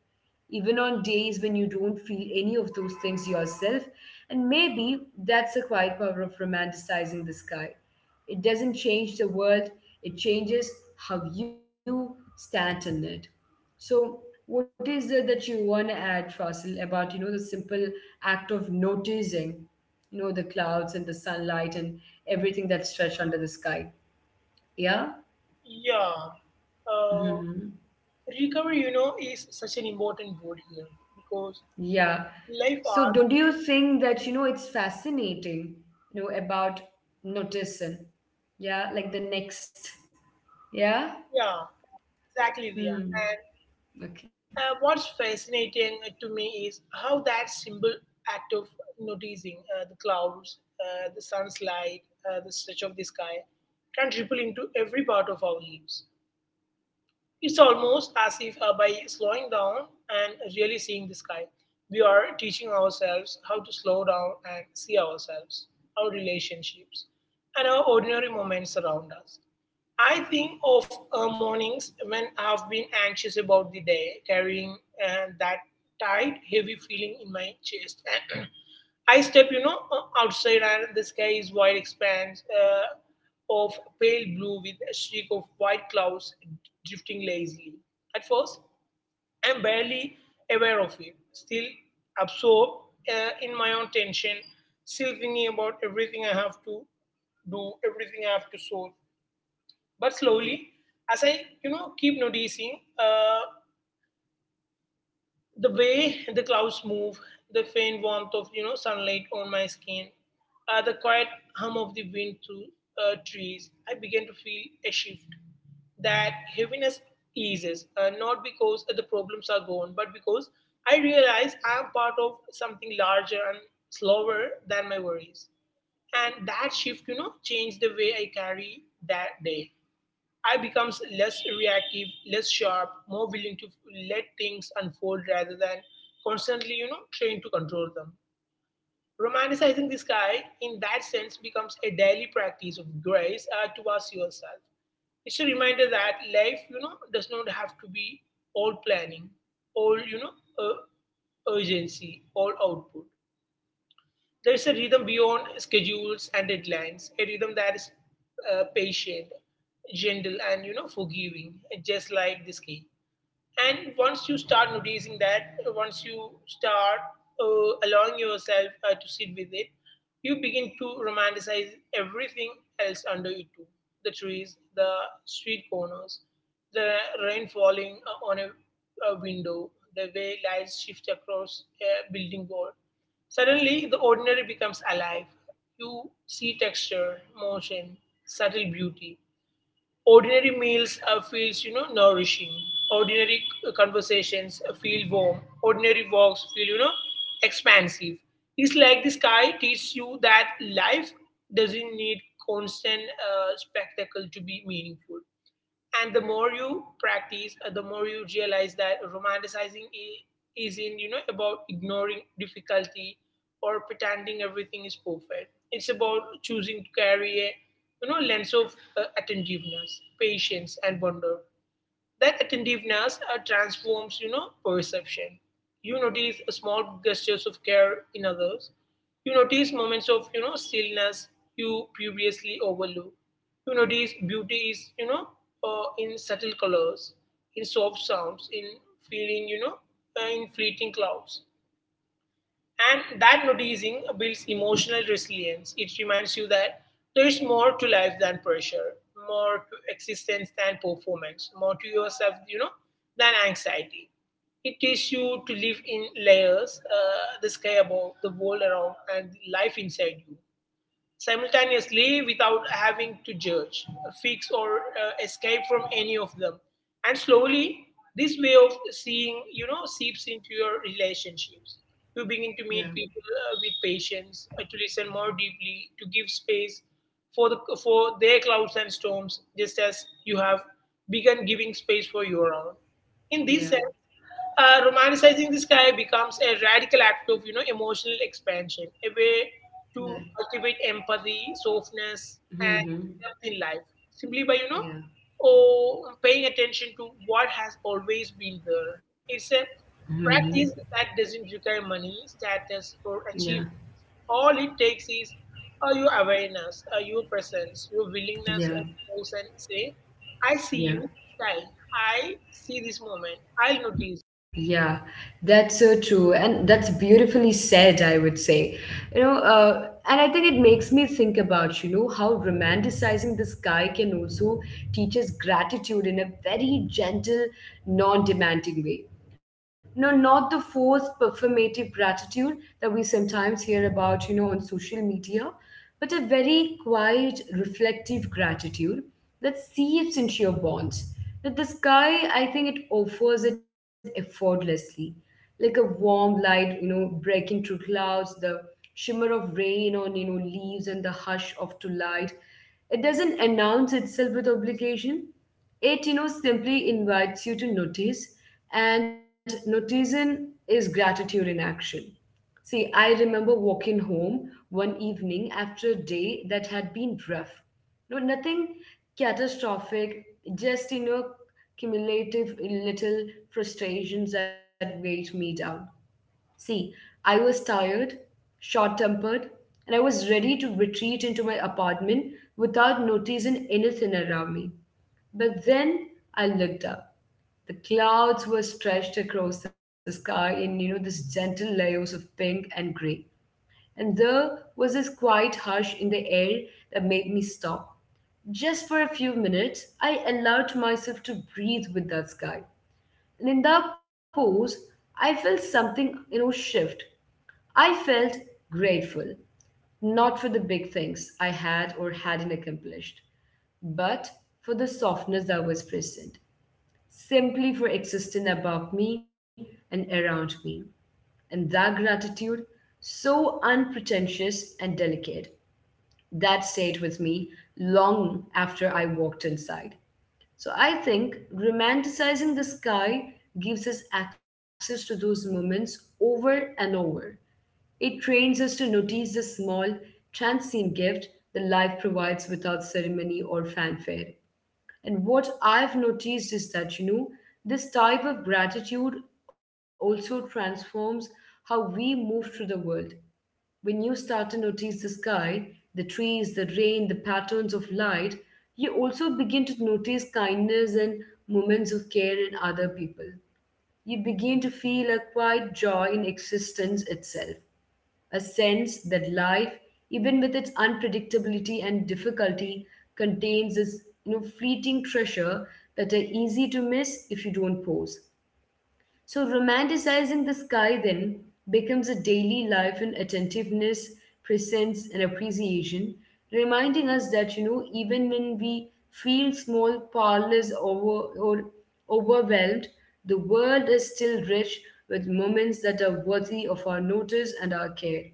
Speaker 1: even on days when you don't feel any of those things yourself. And maybe that's the quiet power of romanticizing the sky. It doesn't change the world, it changes how you stand in it. So, what is it that you want to add, Fasil, about the simple act of noticing, the clouds and the sunlight and everything that's stretched under the sky? Yeah.
Speaker 2: Yeah. Uh,
Speaker 1: Mm-hmm.
Speaker 2: recovery, you know, is such an important word here because
Speaker 1: Yeah.
Speaker 2: life
Speaker 1: So don't
Speaker 2: asks,
Speaker 1: you think that, it's fascinating, about noticing, yeah, like the next, yeah?
Speaker 2: yeah, exactly, yeah.
Speaker 1: Hmm.
Speaker 2: And
Speaker 1: Okay.
Speaker 2: uh, what's fascinating to me is how that simple act of noticing the clouds, the sun's light, the stretch of the sky can ripple into every part of our lives. It's almost as if by slowing down and really seeing the sky, we are teaching ourselves how to slow down and see ourselves, our relationships, and our ordinary moments around us. I think of mornings when I've been anxious about the day, carrying that tight, heavy feeling in my chest. I step, you know, outside and the sky is wide expanse of pale blue with a streak of white clouds drifting lazily. At first, I'm barely aware of it, still absorbed in my own tension, still thinking about everything I have to do, everything I have to solve. But slowly, as I, you know, keep noticing the way the clouds move, the faint warmth of you know sunlight on my skin, the quiet hum of the wind through trees, I began to feel a shift. That heaviness eases, not because the problems are gone, but because I realize I am part of something larger and slower than my worries. And that shift, you know, changed the way I carry that day. I becomes less reactive, less sharp, more willing to let things unfold rather than constantly, you know, trained to control them. Romanticizing this guy in that sense, becomes a daily practice of grace towards yourself. It's a reminder that life, you know, does not have to be all planning, all, you know, urgency, all output. There's a rhythm beyond schedules and deadlines, a rhythm that is patient, gentle, and you know forgiving, just like this game. And once you start noticing that, once you start allowing yourself to sit with it, you begin to romanticize everything else under you too. The trees, the street corners, the rain falling on a window, the way lights shift across a building wall. Suddenly, the ordinary becomes alive. You see texture, motion, subtle beauty, ordinary meals feels, nourishing, ordinary conversations feel warm, ordinary walks feel, expansive. It's like the sky teaches you that life doesn't need constant spectacle to be meaningful. And the more you practice, the more you realize that romanticizing isn't, about ignoring difficulty or pretending everything is perfect. It's about choosing to carry a, lens of attentiveness, patience, and wonder. That attentiveness transforms, you know, perception. You notice small gestures of care in others. You notice moments of, you know, stillness you previously overlooked. You notice beauty is, you know, in subtle colors, in soft sounds, in feeling, you know, in fleeting clouds. And that noticing builds emotional resilience. It reminds you that there is more to life than pressure, more to existence than performance, more to yourself, you know, than anxiety. It teaches you to live in layers, the sky above, the world around, and life inside you simultaneously, without having to judge, fix, or escape from any of them. And slowly, this way of seeing, you know, seeps into your relationships. You begin to
Speaker 1: Yeah.
Speaker 2: meet people with patience, to listen more deeply, to give space for their clouds and storms, just as you have begun giving space for your own. In this sense,
Speaker 1: Yeah.
Speaker 2: romanticizing the sky becomes a radical act of, emotional expansion, a way
Speaker 1: Yeah.
Speaker 2: to cultivate empathy, softness, and
Speaker 1: Mm-hmm.
Speaker 2: depth in life, simply by,
Speaker 1: Yeah.
Speaker 2: paying attention to what has always been there. It's a
Speaker 1: Mm-hmm.
Speaker 2: practice that doesn't require money, status, or achievement.
Speaker 1: Yeah.
Speaker 2: All it takes is your awareness, your presence, your willingness to
Speaker 1: Yeah.
Speaker 2: pause and say, "I see you,
Speaker 1: Yeah.
Speaker 2: style. I see this moment. I'll notice."
Speaker 1: Yeah, that's so true. And that's beautifully said, I would say. You know, uh, and I think it makes me think about, how romanticizing the sky can also teach us gratitude in a very gentle, non demanding way. No, not the forced performative gratitude that we sometimes hear about, on social media, but a very quiet, reflective gratitude that seeps into your bones. That the sky, I think it offers it effortlessly, like a warm light, breaking through clouds, the shimmer of rain on, leaves and the hush of twilight. It doesn't announce itself with obligation. It, simply invites you to notice, and noticing is gratitude in action. See, I remember walking home one evening after a day that had been rough. No, nothing catastrophic, just, cumulative little frustrations that weighed me down. See, I was tired, short tempered, and I was ready to retreat into my apartment without noticing anything around me. But then I looked up. The clouds were stretched across the sky in, this gentle layers of pink and gray, and there was this quiet hush in the air that made me stop. Just for a few minutes, I allowed myself to breathe with that sky. And in that pause, I felt something, shift. I felt grateful, not for the big things I had or hadn't accomplished, but for the softness that was present, simply for existing above me and around me. And that gratitude, so unpretentious and delicate, that stayed with me long after I walked inside. So I think romanticizing the sky gives us access to those moments over and over. It trains us to notice the small, transient gift that life provides without ceremony or fanfare. And what I've noticed is that, this type of gratitude also transforms how we move through the world. When you start to notice the sky, the trees, the rain, the patterns of light, you also begin to notice kindness and moments of care in other people. You begin to feel a quiet joy in existence itself, a sense that life, even with its unpredictability and difficulty, contains this fleeting treasure that are easy to miss if you don't pause. So, romanticizing the sky then becomes a daily life in attentiveness, presence, and appreciation, reminding us that, even when we feel small, powerless, over, or overwhelmed, the world is still rich with moments that are worthy of our notice and our care.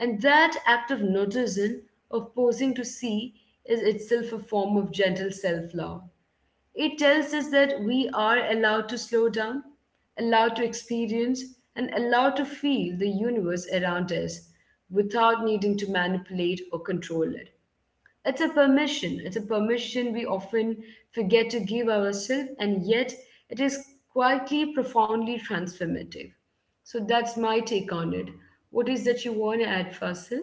Speaker 1: And that act of noticing, of pausing to see, is itself a form of gentle self love. It tells us that we are allowed to slow down, allowed to experience, and allowed to feel the universe around us without needing to manipulate or control it. It's a permission. It's a permission we often forget to give ourselves, and yet it is quietly, profoundly transformative. So that's my take on it. What is that you want to add, Fasil?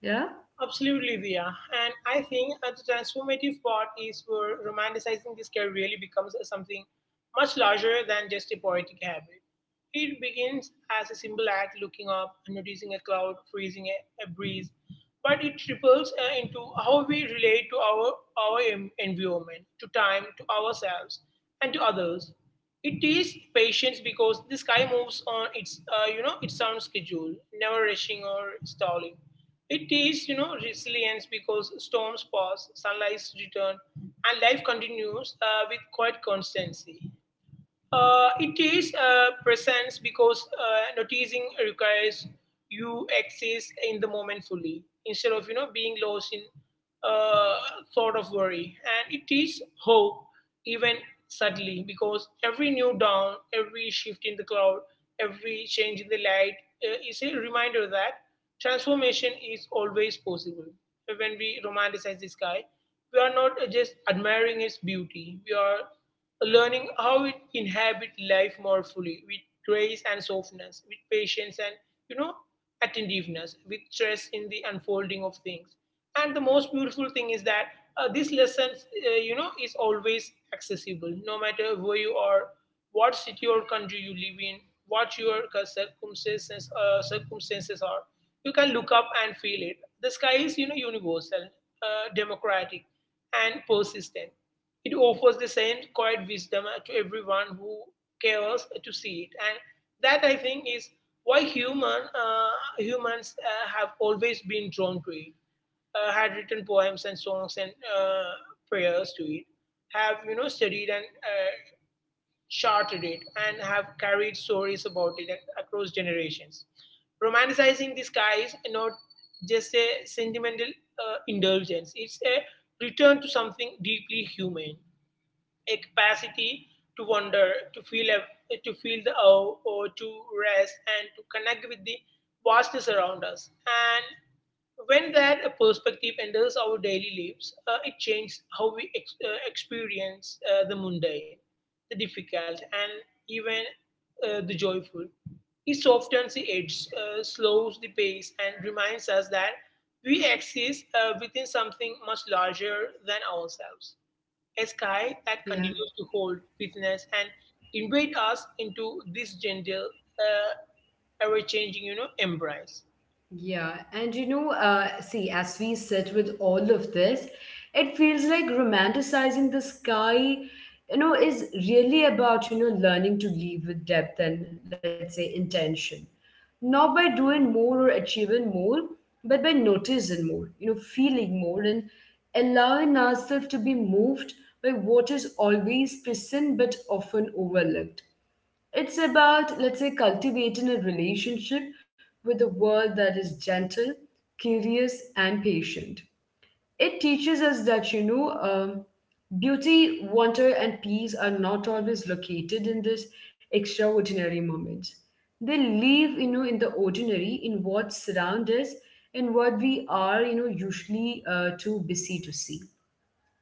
Speaker 1: Yeah?
Speaker 2: Absolutely, Dia. And I think the transformative part is where romanticizing this care really becomes something much larger than just a poetic habit. It begins as a simple act, looking up, noticing a cloud, freezing a breeze, but it ripples into how we relate to our environment, to time, to ourselves, and to others. It is patience, because the sky moves on its, you know, its own schedule, never rushing or stalling. It is, you know, resilience, because storms pass, sunlights return, and life continues with quite constancy. It is presence, because noticing requires you exist in the moment fully, instead of, being lost in uh, thought of worry. And it is hope, even subtly, because every new dawn, every shift in the cloud, every change in the light is a reminder that transformation is always possible. When we romanticize the sky, we are not just admiring its beauty; we are learning how it inhabit life more fully, with grace and softness, with patience and, you know attentiveness, with stress in the unfolding of things. And the most beautiful thing is that this lesson, is always accessible, no matter where you are, what city or country you live in, what your circumstances are. You can look up and feel it. The sky is, universal, democratic, and persistent. It offers the same quiet wisdom to everyone who cares to see it, and that, I think, is why humans have always been drawn to it. Had written poems and songs and, prayers to it. Have, studied and, charted it, and have carried stories about it across generations. Romanticizing the sky is not just a sentimental indulgence; it's a return to something deeply human, a capacity to wonder, to feel to feel the awe, or to rest and to connect with the vastness around us. And when that perspective enters our daily lives, it changes how we experience the mundane, the difficult, and even the joyful. It softens the edge, slows the pace, and reminds us that we exist within something much larger than ourselves, a sky that continues to hold witness and invite us into this gentle, uh, ever-changing, you know, embrace.
Speaker 1: Yeah, and see, as we sit with all of this, it feels like romanticizing the sky, is really about, learning to live with depth and, let's say, intention. Not by doing more or achieving more, but by noticing more, feeling more and allowing ourselves to be moved by what is always present but often overlooked. It's about, let's say, cultivating a relationship with a world that is gentle, curious, and patient. It teaches us that, beauty, wonder, and peace are not always located in these extraordinary moments. They live, in the ordinary, in what surrounds us, and what we are, usually too busy to see.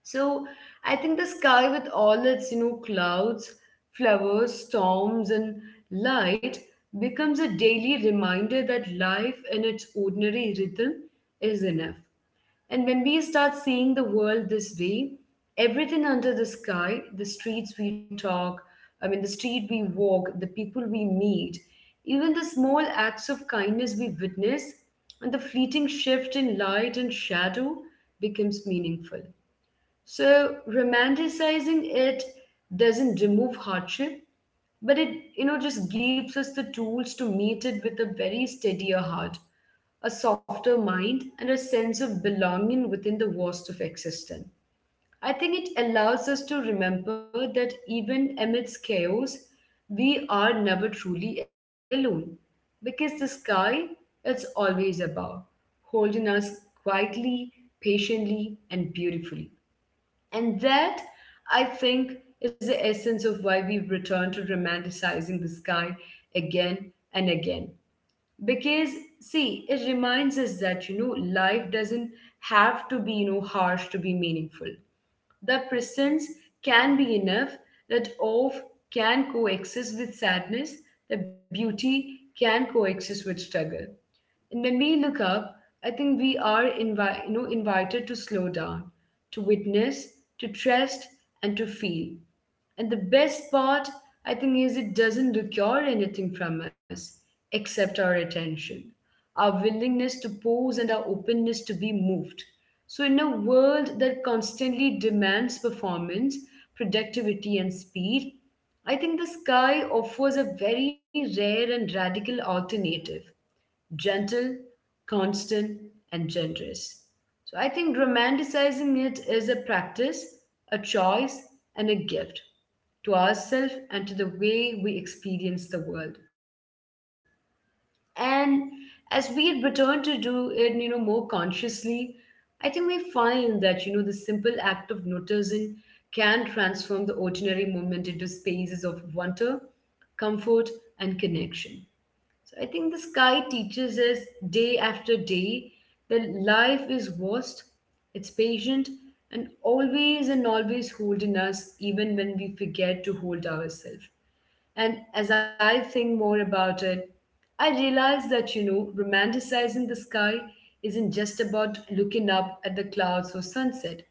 Speaker 1: So I think the sky, with all its clouds, flowers, storms and light, becomes a daily reminder that life in its ordinary rhythm is enough. And when we start seeing the world this way, everything under the sky, the streets we talk, I mean the street we walk, the people we meet, even the small acts of kindness we witness, and the fleeting shift in light and shadow becomes meaningful. So romanticizing it doesn't remove hardship, but it just gives us the tools to meet it with a very steadier heart, a softer mind, and a sense of belonging within the vast of existence. I think it allows us to remember that even amidst chaos, we are never truly alone, because the sky is always above, holding us quietly, patiently, and beautifully. And that, I think, is the essence of why we return to romanticizing the sky again and again. Because, see, it reminds us that, life doesn't have to be, harsh to be meaningful. That presence can be enough, that awe can coexist with sadness, that beauty can coexist with struggle. And when we look up, I think we are invited to slow down, to witness, to trust, and to feel. And the best part, I think, is it doesn't require anything from us except our attention, our willingness to pause, and our openness to be moved. So, in a world that constantly demands performance, productivity, and speed, I think the sky offers a very rare and radical alternative, gentle, constant, and generous. So I think romanticizing it is a practice, a choice, and a gift to ourselves and to the way we experience the world. And as we return to do it, more consciously, I think we find that, the simple act of noticing can transform the ordinary moment into spaces of wonder, comfort, and connection. So I think the sky teaches us day after day that life is vast, it's patient, and always holding us, even when we forget to hold ourselves. And as I think more about it, I realize that, romanticizing the sky isn't just about looking up at the clouds or sunset.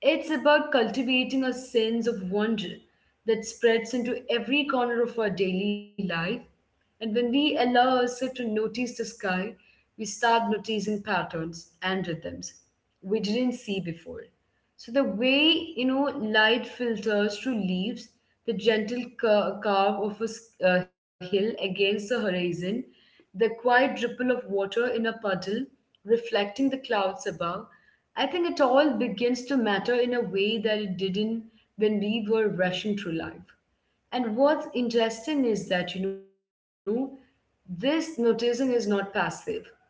Speaker 1: It's about cultivating a sense of wonder that spreads into every corner of our daily life. And when we allow ourselves to notice the sky, we start noticing patterns and rhythms we didn't see before. So the way light filters through leaves, the gentle curve of a hill against the horizon, the quiet ripple of water in a puddle, reflecting the clouds above. I think it all begins to matter in a way that it didn't when we were rushing through life. And what's interesting is that, this noticing is not passive.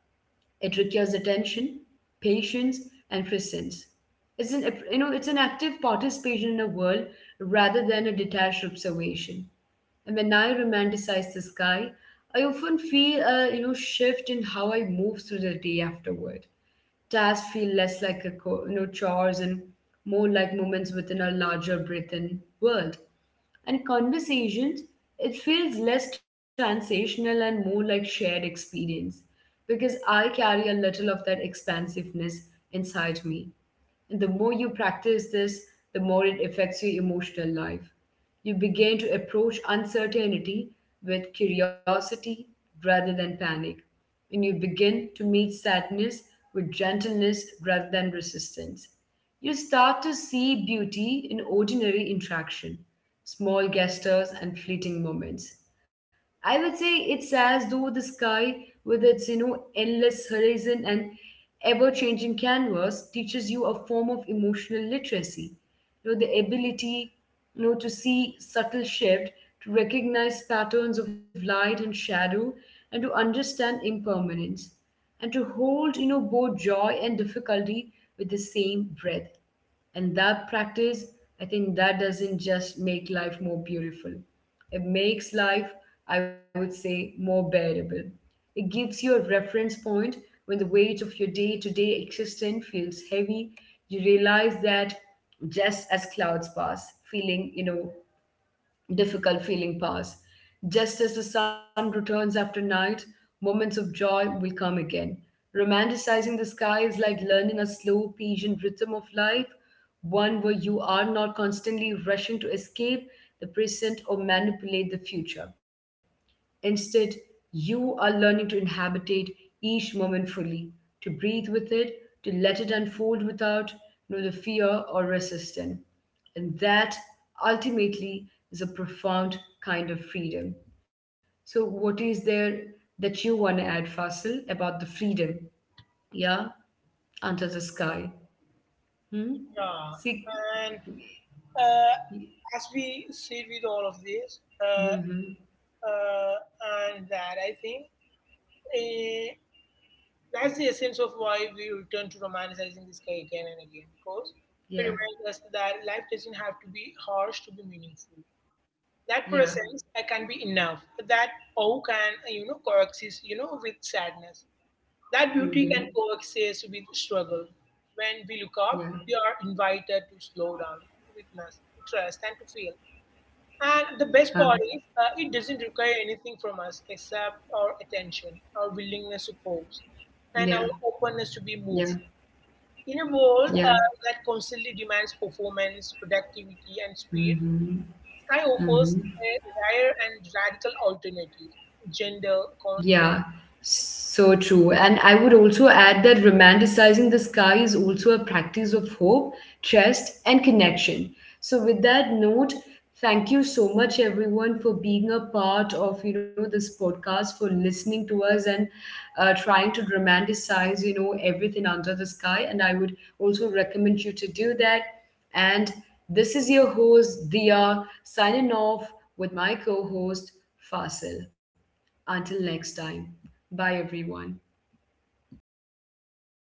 Speaker 1: It requires attention, patience, and presence. It's an it's an active participation in a world rather than a detached observation. And when I romanticize the sky, I often feel a shift in how I move through the day afterward. Tasks feel less like a co- you know chores and more like moments within a larger breathing world. And conversations, it feels less transactional and more like shared experience because I carry a little of that expansiveness inside me. The more you practice this, the more it affects your emotional life. You begin to approach uncertainty with curiosity rather than panic, and you begin to meet sadness with gentleness rather than resistance. You start to see beauty in ordinary interaction, small gestures, and fleeting moments. I would say it's as though the sky, with its endless horizon and ever-changing canvas, teaches you a form of emotional literacy. The ability to see subtle shift, to recognize patterns of light and shadow, and to understand impermanence, and to hold both joy and difficulty with the same breath. And that practice, I think, that doesn't just make life more beautiful, it makes life, I would say, more bearable. It gives you a reference point. When the weight of your day-to-day existence feels heavy, you realize that just as clouds pass, feeling you know difficult feeling pass. Just as the sun returns after night, moments of joy will come again. Romanticizing the sky is like learning a slow, patient rhythm of life, one where you are not constantly rushing to escape the present or manipulate the future. Instead, you are learning to inhabitate each moment fully, to breathe with it, to let it unfold without the fear or resistance. And that ultimately is a profound kind of freedom. So, what is there that you want to add, Fasil, about the freedom? Yeah, under the sky. Hmm?
Speaker 2: Yeah,
Speaker 1: See.
Speaker 2: and uh, as we sit with all of this,
Speaker 1: Mm-hmm.
Speaker 2: uh, and that, I think, uh, that's the essence of why we return to romanticizing the sky again and again, because it
Speaker 1: Yeah,
Speaker 2: reminds us that life doesn't have to be harsh to be meaningful. That
Speaker 1: yeah.
Speaker 2: presence can be enough, that awe can, coexist, with sadness, that beauty can
Speaker 1: Mm-hmm.
Speaker 2: coexist with struggle. When we look up,
Speaker 1: Yeah,
Speaker 2: we are invited to slow down, to witness, to trust, and to feel. And the best
Speaker 1: yeah,
Speaker 2: part is, it doesn't require anything from us except our attention, our willingness to pause,
Speaker 1: yeah,
Speaker 2: and our openness to be
Speaker 1: yeah,
Speaker 2: moved. In a world
Speaker 1: yeah.
Speaker 2: that constantly demands performance, productivity, and speed,
Speaker 1: Mm-hmm.
Speaker 2: sky offers a
Speaker 1: Mhm.
Speaker 2: rare and radical alternative, gender
Speaker 1: Yeah, so true. And I would also add that romanticizing the sky is also a practice of hope, trust, and connection. So with that note, thank you so much everyone for being a part of, this podcast, for listening to us and trying to romanticize, everything under the sky. And I would also recommend you to do that. And this is your host, Dia, signing off with my co-host, Fasil. Until next time, bye everyone.